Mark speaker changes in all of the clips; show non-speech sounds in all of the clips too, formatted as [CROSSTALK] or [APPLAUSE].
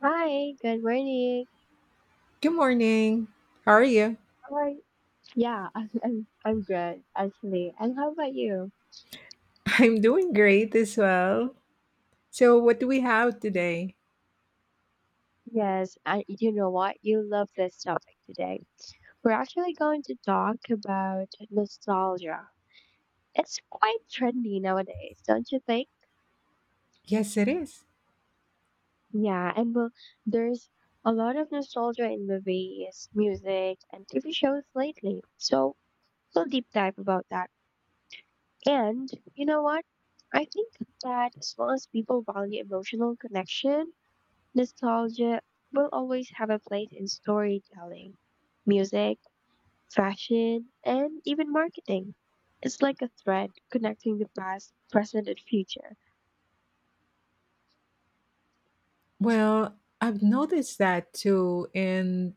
Speaker 1: Hi, good morning.
Speaker 2: Good morning. How are you?
Speaker 1: How are you? Yeah, [LAUGHS] I'm good actually. And how about you?
Speaker 2: [LAUGHS] I'm doing great as well. So, what do we have today?
Speaker 1: Yes, and you know what? You love this topic today. We're actually going to talk about nostalgia. It's quite trendy nowadays, don't you think?
Speaker 2: Yes, it is.
Speaker 1: Yeah, and well, there's a lot of nostalgia in movies, music, and TV shows lately. So we'll deep dive about that. And you know what? I think that as well as people value emotional connection, nostalgia will always have a place in storytelling, music, fashion, and even marketing. It's like a thread connecting the past, present, and future.
Speaker 2: Well, I've noticed that too. And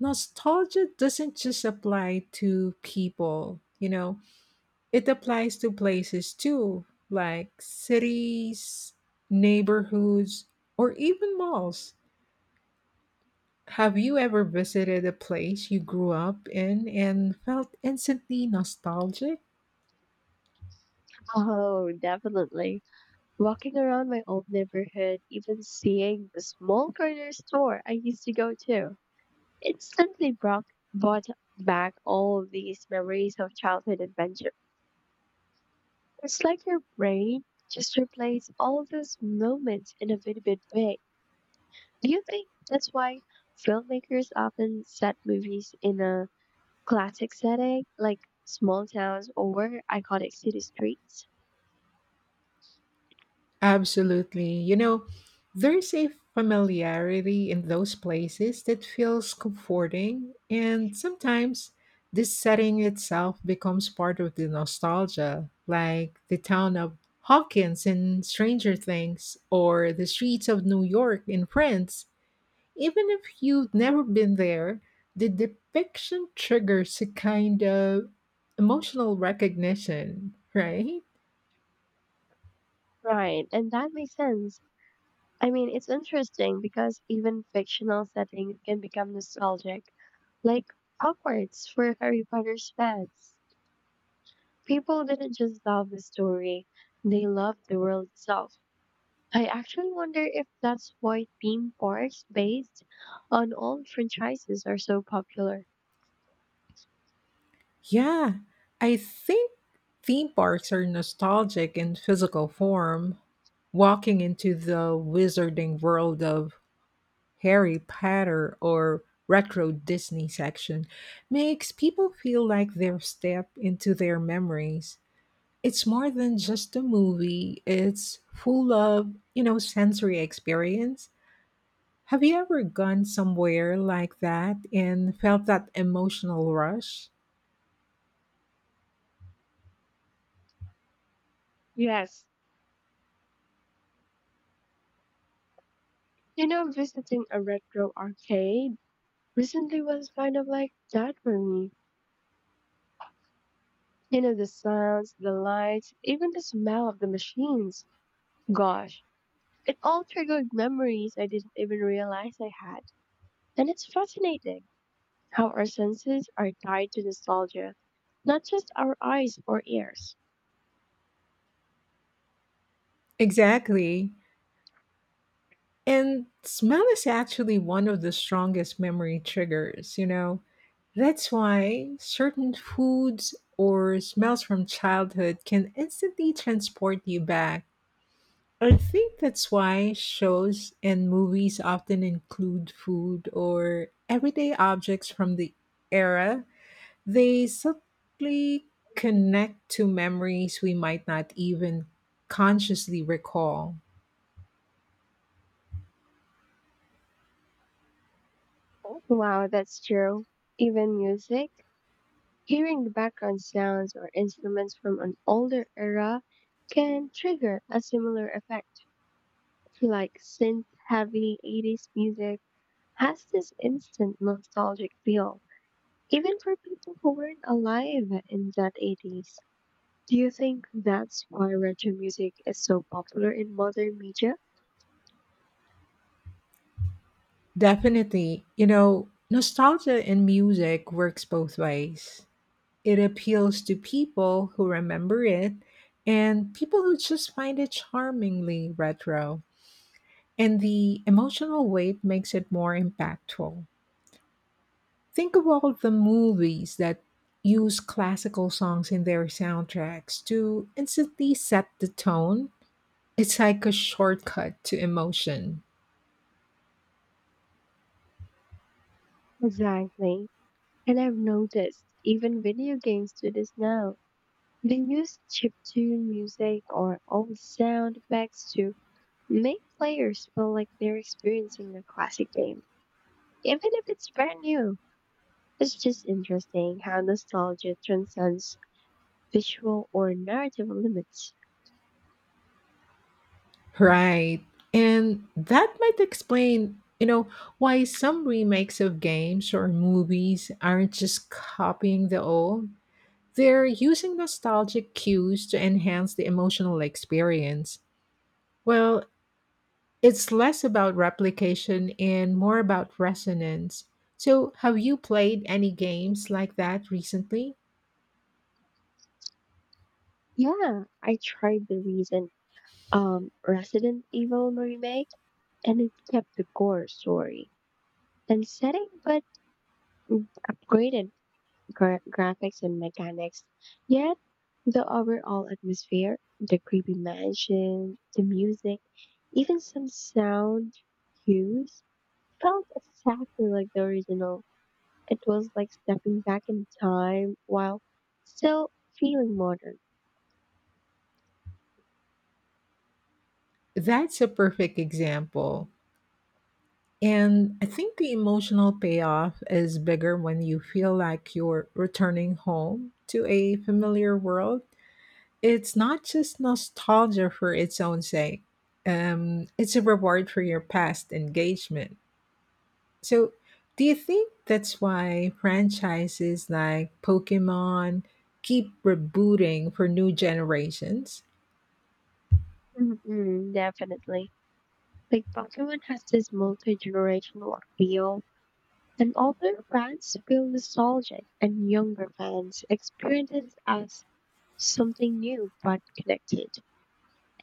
Speaker 2: nostalgia doesn't just apply to people, it applies to places too, like cities, neighborhoods, or even malls. Have you ever visited a place you grew up in and felt instantly nostalgic?
Speaker 1: Oh, definitely. Walking around my old neighborhood, even seeing the small corner store I used to go to, instantly brought back all these memories of childhood adventure. It's like your brain just replaced all those moments in a very big way. Do you think that's why filmmakers often set movies in a classic setting, like small towns or iconic city streets?
Speaker 2: Absolutely. You know, there's a familiarity in those places that feels comforting, and sometimes this setting itself becomes part of the nostalgia, like the town of Hawkins in Stranger Things or the streets of New York in Friends. Even if you've never been there, the depiction triggers a kind of emotional recognition, [LAUGHS] right?
Speaker 1: Right, and that makes sense. I mean, it's interesting because even fictional setting can become nostalgic, like Hogwarts for Harry Potter's fans. People didn't just love the story, they loved the world itself. I actually wonder if that's why theme parks based on old franchises are so popular.
Speaker 2: Yeah, I think theme parks are nostalgic in physical form. Walking into the wizarding world of Harry Potter or retro Disney section makes people feel like they're step into their memories. It's more than just a movie, it's full of, sensory experience. Have you ever gone somewhere like that and felt that emotional rush?
Speaker 1: Yes. You know, visiting a retro arcade recently was kind of like that for me. You know, the sounds, the lights, even the smell of the machines. Gosh, it all triggered memories I didn't even realize I had. And it's fascinating how our senses are tied to nostalgia, not just our eyes or ears.
Speaker 2: Exactly. And smell is actually one of the strongest memory triggers, you know. That's why certain foods or smells from childhood can instantly transport you back. I think that's why shows and movies often include food or everyday objects from the era. They subtly connect to memories we might not even consciously recall.
Speaker 1: Wow, that's true. Even music. Hearing background sounds or instruments from an older era can trigger a similar effect. Like synth heavy 80s music has this instant nostalgic feel, even for people who weren't alive in that 80s. Do you think that's why retro music is so popular in modern media?
Speaker 2: Definitely. You know, nostalgia in music works both ways. It appeals to people who remember it and people who just find it charmingly retro. And the emotional weight makes it more impactful. Think of all the movies that use classical songs in their soundtracks to instantly set the tone. It's like a shortcut to emotion.
Speaker 1: Exactly. And I've noticed even video games do this now. They use chiptune music or old sound effects to make players feel like they're experiencing a classic game, even if it's brand new. It's just interesting how nostalgia transcends visual or narrative limits.
Speaker 2: Right. And that might explain, you know, why some remakes of games or movies aren't just copying the old. They're using nostalgic cues to enhance the emotional experience. Well, it's less about replication and more about resonance. So, have you played any games like that recently?
Speaker 1: Yeah, I tried the recent Resident Evil remake, and it kept the core story and setting, but upgraded graphics and mechanics. Yet, the overall atmosphere, the creepy mansion, the music, even some sound cues felt exactly like the original. It was like stepping back in time while still feeling modern.
Speaker 2: That's a perfect example. And I think the emotional payoff is bigger when you feel like you're returning home to a familiar world. It's not just nostalgia for its own sake, it's a reward for your past engagement. So, do you think that's why franchises like Pokemon keep rebooting for new generations? [LAUGHS]
Speaker 1: Mm-mm, definitely. Like Pokemon has this multi-generational appeal, and older fans feel nostalgic, and younger fans experience it as something new but connected.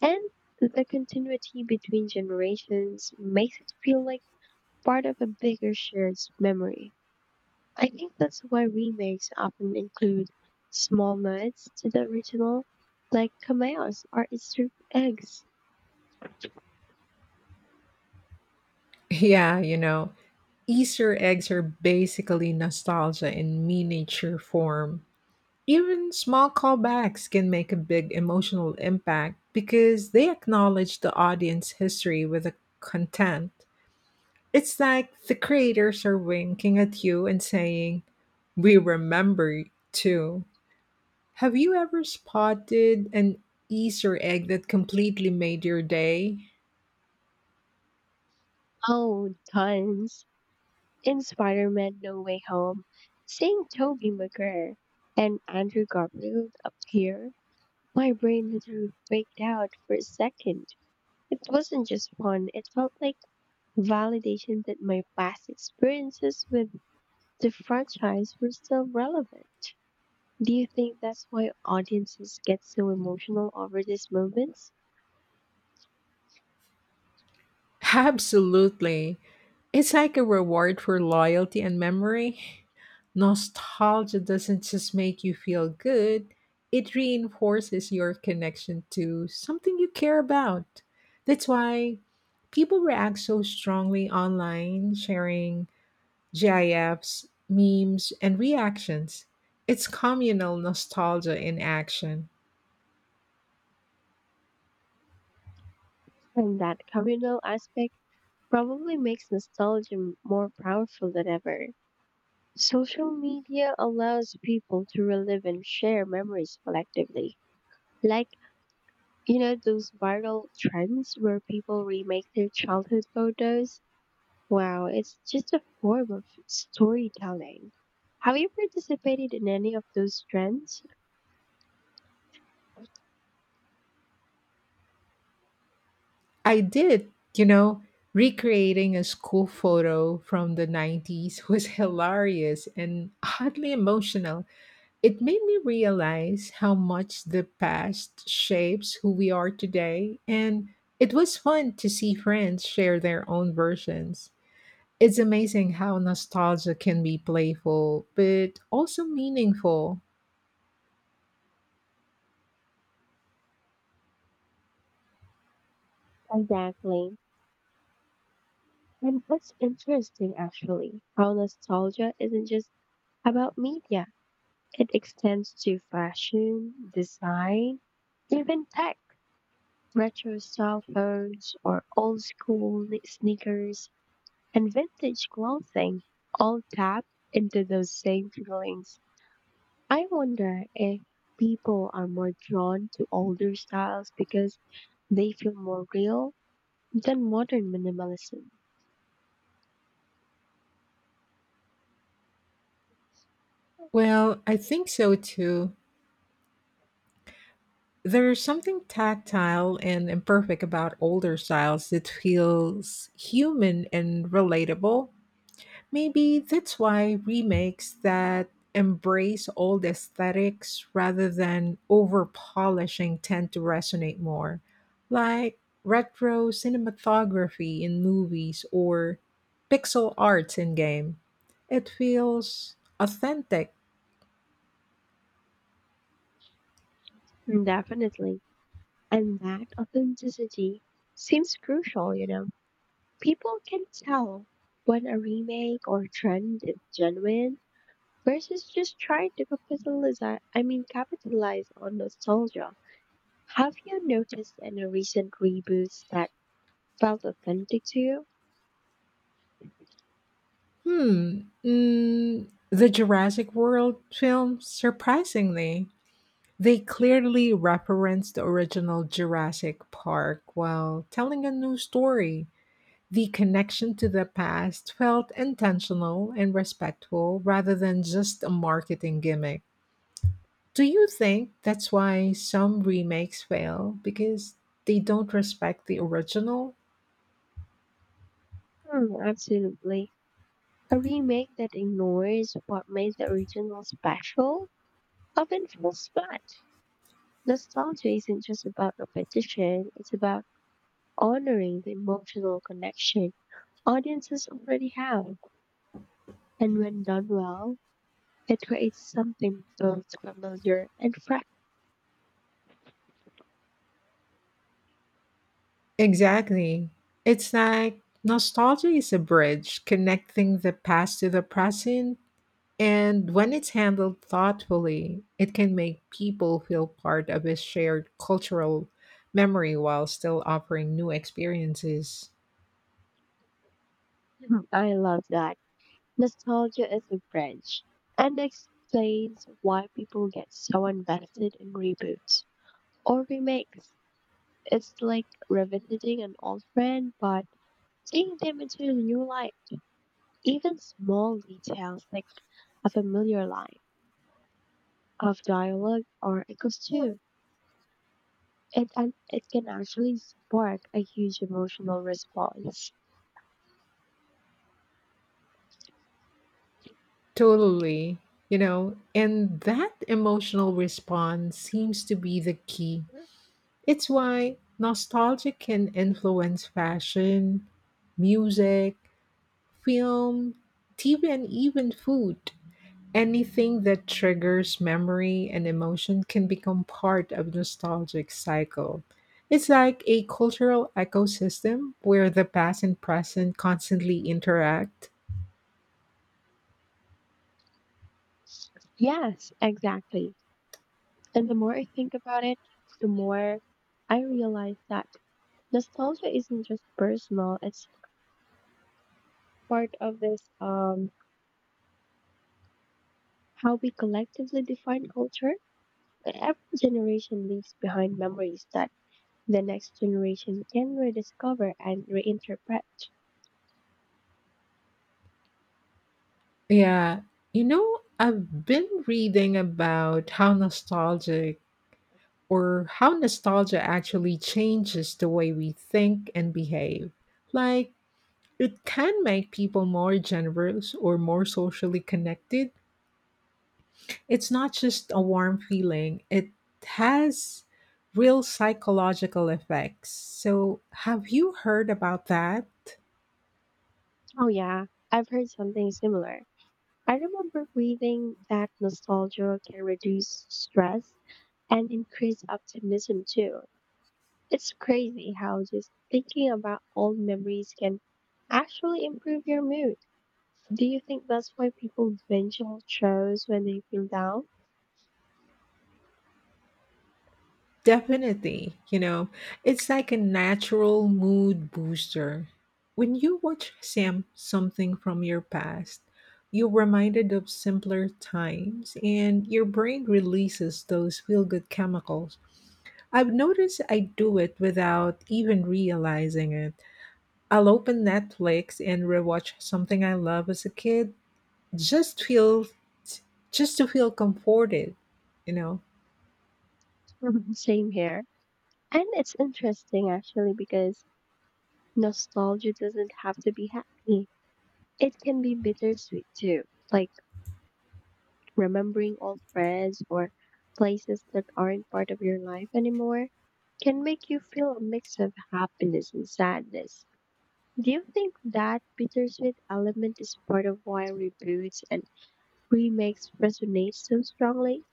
Speaker 1: And the continuity between generations makes it feel like part of a bigger shared memory. I think that's why remakes often include small nods to the original, like cameos or Easter eggs.
Speaker 2: Yeah, you know, Easter eggs are basically nostalgia in miniature form. Even small callbacks can make a big emotional impact because they acknowledge the audience history with the content. It's like the creators are winking at you and saying, "We remember you too." Have you ever spotted an Easter egg that completely made your day?
Speaker 1: Oh, tons. In Spider Man No Way Home, seeing Tobey Maguire and Andrew Garfield appear, my brain literally freaked out for a second. It wasn't just fun, it felt like validation that my past experiences with the franchise were still relevant. Do you think that's why audiences get so emotional over these moments?
Speaker 2: Absolutely. It's like a reward for loyalty and memory. Nostalgia doesn't just make you feel good, it reinforces your connection to something you care about. That's why people react so strongly online, sharing GIFs, memes, and reactions. It's communal nostalgia in action.
Speaker 1: And that communal aspect probably makes nostalgia more powerful than ever. Social media allows people to relive and share memories collectively. Like, you know, those viral trends where people remake their childhood photos? Wow, it's just a form of storytelling. Have you participated in any of those trends?
Speaker 2: I did, you know, recreating a school photo from the 90s was [LAUGHS] hilarious and oddly emotional. It made me realize how much the past shapes who we are today, and it was fun to see friends share their own versions. It's amazing how nostalgia can be playful, but also meaningful.
Speaker 1: Exactly. And it's interesting, actually, how nostalgia isn't just about media. It extends to fashion, design, even tech. Retro cell phones or old school sneakers and vintage clothing all tap into those same feelings. I wonder if people are more drawn to older styles because they feel more real than modern minimalism.
Speaker 2: Well, I think so too. There's something tactile and imperfect about older styles that feels human and relatable. Maybe that's why remakes that embrace old aesthetics rather than over polishing tend to resonate more, like retro cinematography in movies or pixel arts in game. It feels authentic.
Speaker 1: Mm, definitely. And that authenticity seems crucial, you know. People can tell when a remake or trend is genuine versus just trying to capitalize on nostalgia. Have you noticed any recent reboots that felt authentic to you?
Speaker 2: Hmm. Mm, the Jurassic World film, surprisingly, they clearly referenced the original Jurassic Park while telling a new story. The connection to the past felt intentional and respectful rather than just a marketing gimmick. Do you think that's why some remakes fail? Because they don't respect the original?
Speaker 1: Hmm, absolutely. A remake that ignores what made the original special often feels bad. Nostalgia isn't just about repetition, it's about honoring the emotional connection audiences already have. And when done well, it creates something both familiar and fresh.
Speaker 2: Exactly. It's like nostalgia is a bridge connecting the past to the present, and when it's handled thoughtfully, it can make people feel part of a shared cultural memory while still offering new experiences.
Speaker 1: Mhm. I love that. Nostalgia is a branch and explains why people get so invested in reboots or remakes. It's like revisiting an old friend, but seeing them into a new light. Even small details like a familiar line of dialogue or a costume. It can actually spark a huge emotional response.
Speaker 2: Totally. You know, and that emotional response seems to be the key. It's why nostalgia can influence fashion, music, film, TV, and even food. Anything that triggers memory and emotion can become part of nostalgic cycle. It's like a cultural ecosystem where the past and present constantly interact.
Speaker 1: Yes, exactly. And the more I think about it, the more I realize that nostalgia isn't just personal, it's part of this how we collectively define culture. Every generation leaves behind memories that the next generation can rediscover and reinterpret.
Speaker 2: Yeah, you know, I've been reading about how nostalgic or how nostalgia actually changes the way we think and behave. Like it can make people more generous or more socially connected. It's not just a warm feeling, it has real psychological effects. So, have you heard about that?
Speaker 1: Oh yeah, I've heard something similar. I remember reading that nostalgia can reduce stress and increase optimism too. It's crazy how just thinking about old memories can actually improve your mood. Do you think that's why people binge on shows when they feel down?
Speaker 2: Definitely, you know, it's like a natural mood booster. When you watch Sam something from your past, you're reminded of simpler times and your brain releases those feel good chemicals. I've noticed I do it without even realizing it. I'll open Netflix and rewatch something I love as a kid just feel just to feel comforted, you know.
Speaker 1: [LAUGHS] Same here. And it's interesting actually because nostalgia doesn't have to be happy. It can be bittersweet too. Like remembering old friends or places that aren't part of your life anymore can make you feel a mix of happiness and sadness. Do you think that bittersweet element is part of why reboots and remakes resonate so strongly?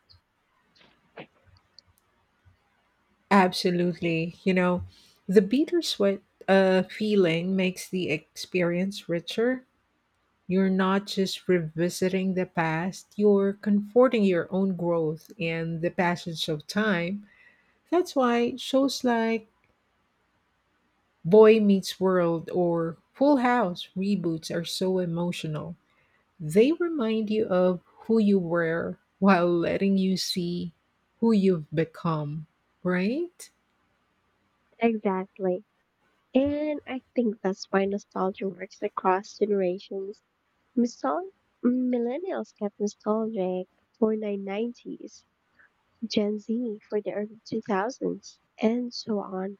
Speaker 2: Absolutely. You know, the bittersweet feeling makes the experience richer. You're not just revisiting the past, you're comforting your own growth and the passage of time. That's why shows like Boy Meets World or Full House reboots are so emotional. They remind you of who you were while letting you see who you've become, right?
Speaker 1: Exactly. And I think that's why nostalgia works across generations. Misol- Millennials get nostalgic for the 90s, Gen Z for the early 2000s, and so on,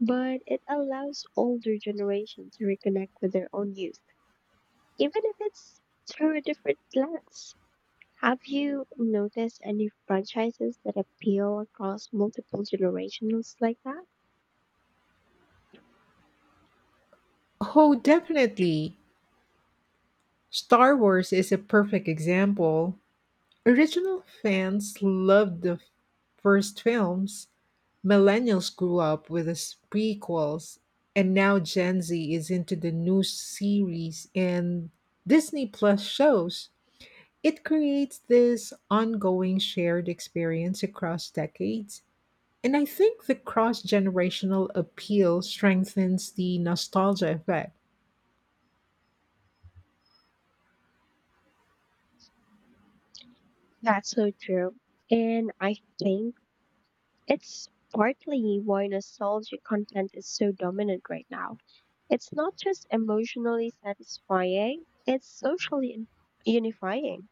Speaker 1: but it allows older generations to reconnect with their own youth, even if it's through a different lens. Have you noticed any franchises that appeal across multiple generations like that?
Speaker 2: Oh, definitely. Star Wars is a perfect example. Original fans loved the first films. Millennials grew up with the prequels, and now Gen Z is into the new series and Disney Plus shows. It creates this ongoing shared experience across decades. And I think the cross generational appeal strengthens the nostalgia effect.
Speaker 1: That's so true. And I think it's partly why nostalgia content is so dominant right now. It's not just emotionally satisfying, it's socially unifying.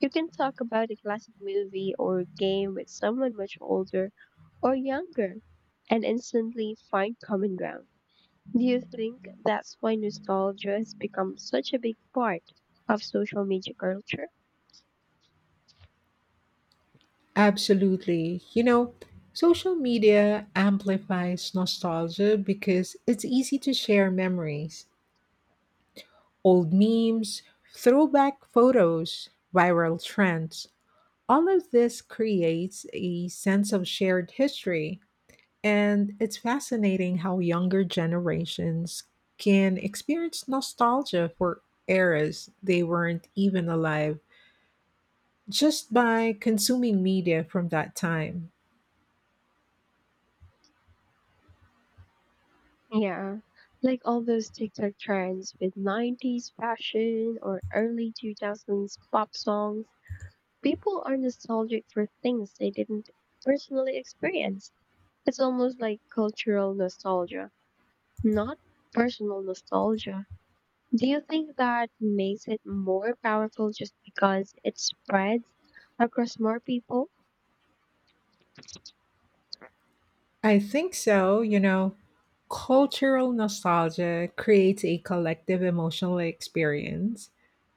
Speaker 1: You can talk about a classic movie or game with someone much older or younger and instantly find common ground. Do you think that's why nostalgia has become such a big part of social media culture?
Speaker 2: Absolutely. You know, social media amplifies nostalgia because it's easy to share memories, old memes, throwback photos, viral trends. All of this creates a sense of shared history. And it's fascinating how younger generations can experience nostalgia for eras they weren't even alive just by consuming media from that time.
Speaker 1: Yeah, like all those TikTok trends with 90s fashion or early 2000s pop songs, people are nostalgic for things they didn't personally experience. It's almost like cultural nostalgia, not personal nostalgia. Do you think that makes it more powerful just because it spreads across more people?
Speaker 2: I think so, you know. Cultural nostalgia creates a collective emotional experience.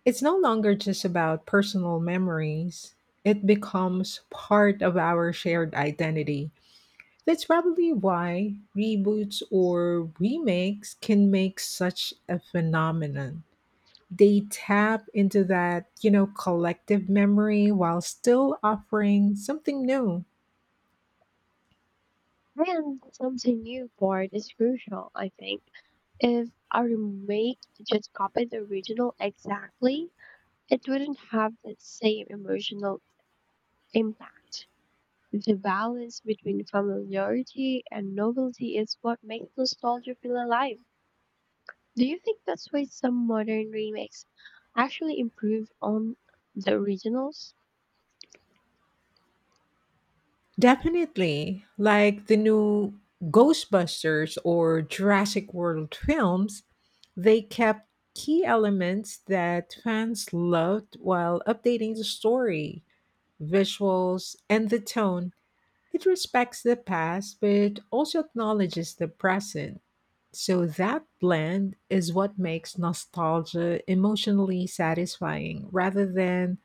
Speaker 2: It's no longer just about personal memories, it becomes part of our shared identity. That's probably why reboots or remakes can make such a phenomenon. They tap into that, collective memory while still offering something new.
Speaker 1: And something new part is crucial, I think. If a remake just copied the original exactly, it wouldn't have that same emotional impact. The balance between familiarity and novelty is what makes nostalgia feel alive. Do you think that's why some modern remakes actually improve on the originals?
Speaker 2: Definitely, like the new Ghostbusters or Jurassic World films, they kept key elements that fans loved while updating the story, visuals, and the tone. It respects the past but also acknowledges the present. So that blend is what makes nostalgia emotionally satisfying rather than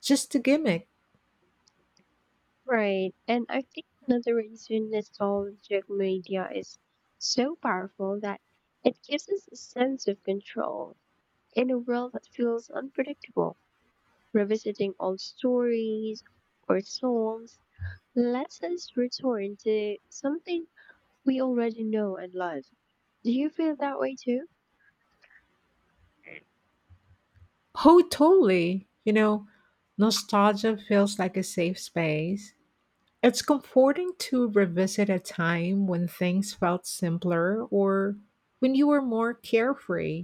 Speaker 2: just a gimmick.
Speaker 1: Right. And I think another reason nostalgic media is so powerful that it gives us a sense of control in a world that feels unpredictable. Revisiting old stories or songs lets us return to something we already know and love. Do you feel that way too?
Speaker 2: Oh, totally. You know, nostalgia feels like a safe space. It's comforting to revisit a time when things felt simpler or when you were more carefree.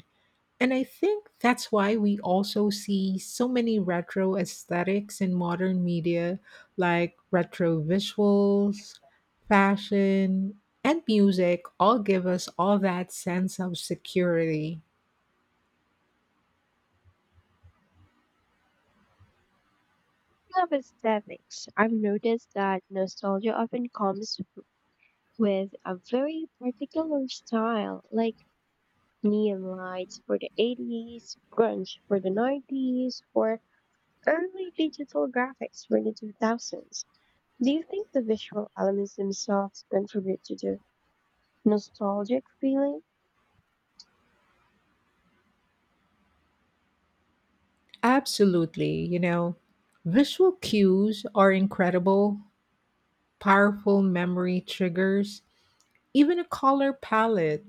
Speaker 2: And I think that's why we also see so many retro aesthetics in modern media, like retro visuals, fashion, and music, all give us all that sense of security.
Speaker 1: Speaking of aesthetics, I've noticed that nostalgia often comes with a very particular style, like neon lights for the 80s, grunge for the 90s, or early digital graphics for the 2000s. Do you think the visual elements themselves contribute to the nostalgic feeling?
Speaker 2: Absolutely, you know, visual cues are incredible, powerful memory triggers. Even a color palette,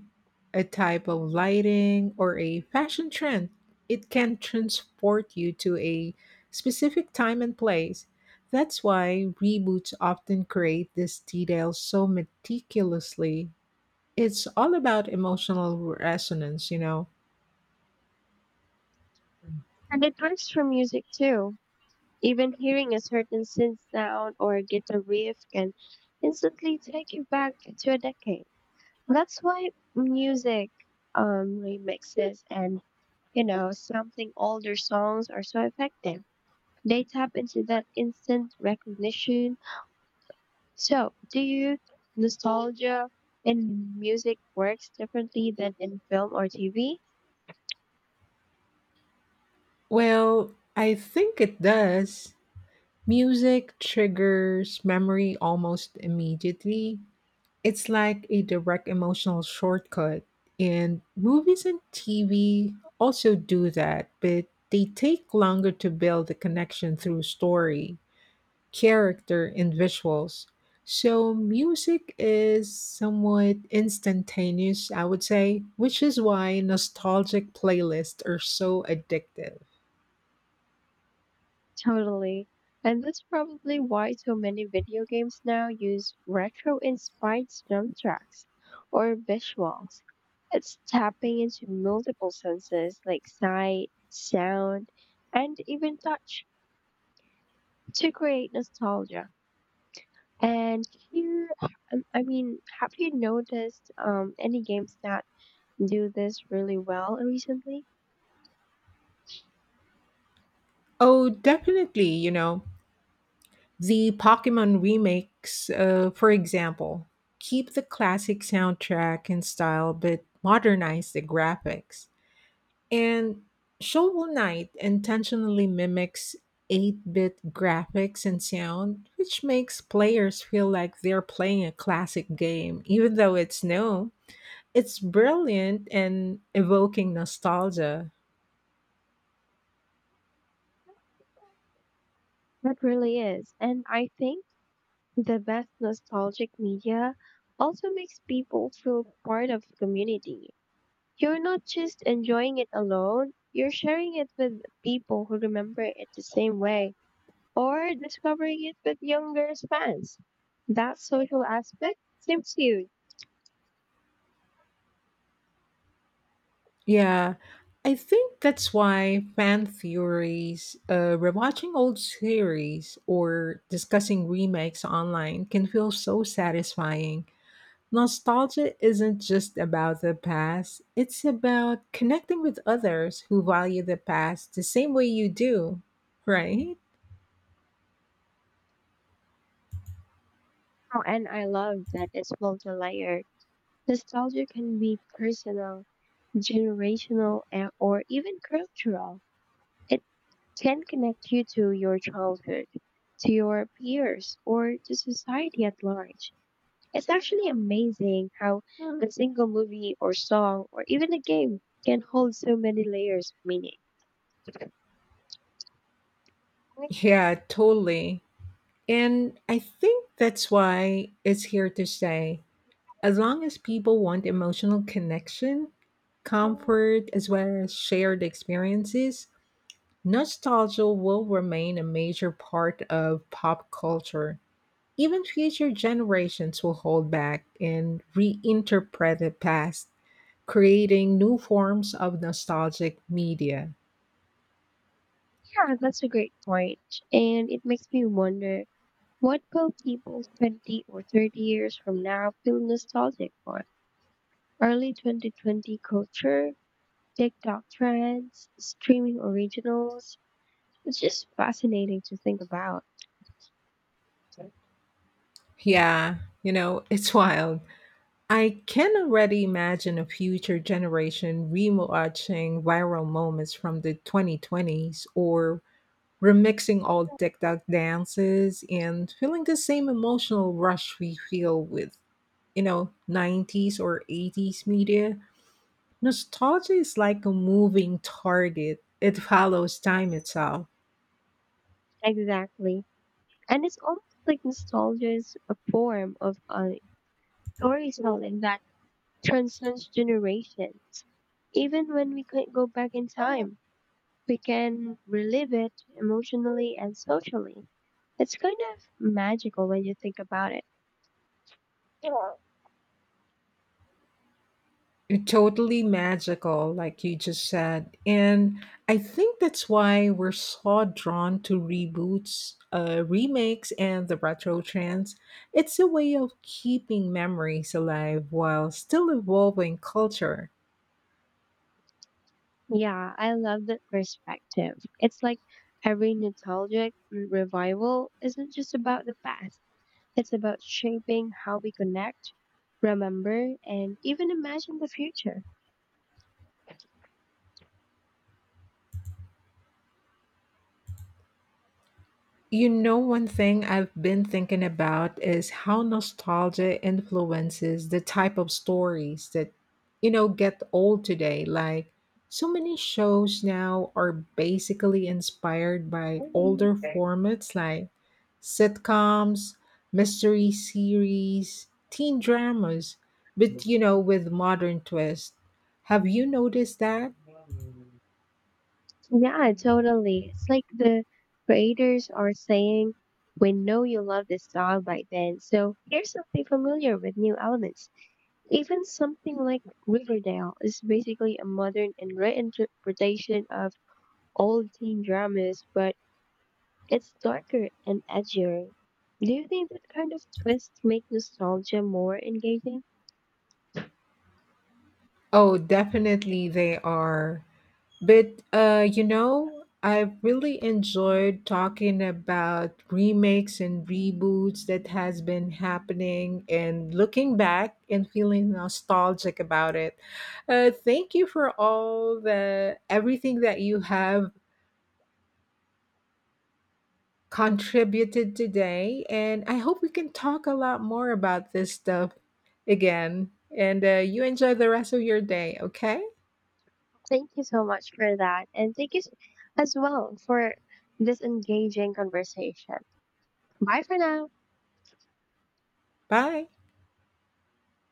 Speaker 2: a type of lighting, or a fashion trend, it can transport you to a specific time and place. That's why reboots often create this detail so meticulously. It's all about emotional resonance, you know.
Speaker 1: And it works for music too. Even hearing a certain synth sound or guitar riff can instantly take you back to a decade. That's why music remixes and, you know, something older songs are so effective. They tap into that instant recognition. So, do you nostalgia in music works differently than in film or TV?
Speaker 2: Well, I think it does. Music triggers memory almost immediately, it's like a direct emotional shortcut. And movies and TV also do that, but they take longer to build the connection through story, character, and visuals. So, music is somewhat instantaneous, I would say, which is why nostalgic playlists are so addictive.
Speaker 1: Totally. And that's probably why so many video games now use retro inspired soundtracks or visuals. It's tapping into multiple senses like sight, sound, and even touch to create nostalgia. And have you noticed any games that do this really well recently?
Speaker 2: Oh, definitely, you know. The Pokemon remakes, for example, keep the classic soundtrack and style but modernize the graphics. And Shovel Knight intentionally mimics 8 bit graphics and sound, which makes players feel like they're playing a classic game, even though it's new. It's brilliant and evoking nostalgia.
Speaker 1: That really is. And I think the best nostalgic media also makes people feel part of the community. You're not just enjoying it alone, you're sharing it with people who remember it the same way or discovering it with younger fans. That social aspect seems huge.
Speaker 2: Yeah, I think that's why fan theories, rewatching old series, or discussing remakes online can feel so satisfying. Nostalgia isn't just about the past, it's about connecting with others who value the past the same way you do, right?
Speaker 1: Oh, and I love that it's multi-layered. Nostalgia can be personal, generational, and, or even cultural. Can connect you to your childhood, to your peers, or to society at large. It's actually amazing how a single movie or song or even a game can hold so many layers of meaning. Like,
Speaker 2: Yeah, totally. And I think that's why it's here to stay. As long as people want emotional connection, comfort, as well as shared experiences, nostalgia will remain a major part of pop culture. Even future generations will hold back and reinterpret the past, creating new forms of nostalgic media.
Speaker 1: yeah, that's a great point. And it makes me wonder what will people 20 or 30 years from now feel nostalgic for? Early 2020 culture, TikTok trends, streaming originals. It's just fascinating to think about.
Speaker 2: Yeah, you know, it's [LAUGHS] wild. I can already imagine a future generation rewatching viral moments from the 2020s or remixing old TikTok dances and feeling the same emotional rush we feel with, you know, 90s or 80s media. Nostalgia is like a moving target, it follows time itself.
Speaker 1: Exactly. And it's almost like nostalgia is a form of storytelling that transcends generations. Even when we couldn't go back in time, we can relive it emotionally and socially. It's kind of magical when you think about it. Yeah,
Speaker 2: Totally magical, like you just said. And I think that's why we're so drawn to reboots, remakes, and the retro trends. It's a way of keeping memories alive while still evolving culture.
Speaker 1: Yeah, I love that perspective. It's like every nostalgic revival isn't just about the past. It's about shaping how we connect, remember, and even imagine the future.
Speaker 2: You know, one thing I've been thinking about is how nostalgia influences the type of stories that, you know, get old today. Like, so many shows now are basically inspired by older formats like sitcoms, mystery series, teen dramas, but, you know, with modern twist. Have you noticed that?
Speaker 1: Yeah, totally. It's like the creators are saying, we know you love this style by then, so here's something familiar with new elements. Even something like Riverdale is basically a modern and reinterpretation of old teen dramas, but it's darker and edgier. Do you think that kind of twist make nostalgia more engaging?
Speaker 2: Oh, definitely they are. But you know, I really enjoyed talking about remakes and reboots that has been happening and looking back and feeling nostalgic about it. Thank you for all the everything that you have contributed today, and I hope we can talk a lot more about this stuff again. And you enjoy the rest of your day, okay?
Speaker 1: Thank you so much for that. And thank you as well for this engaging conversation. Bye for now.
Speaker 2: Bye.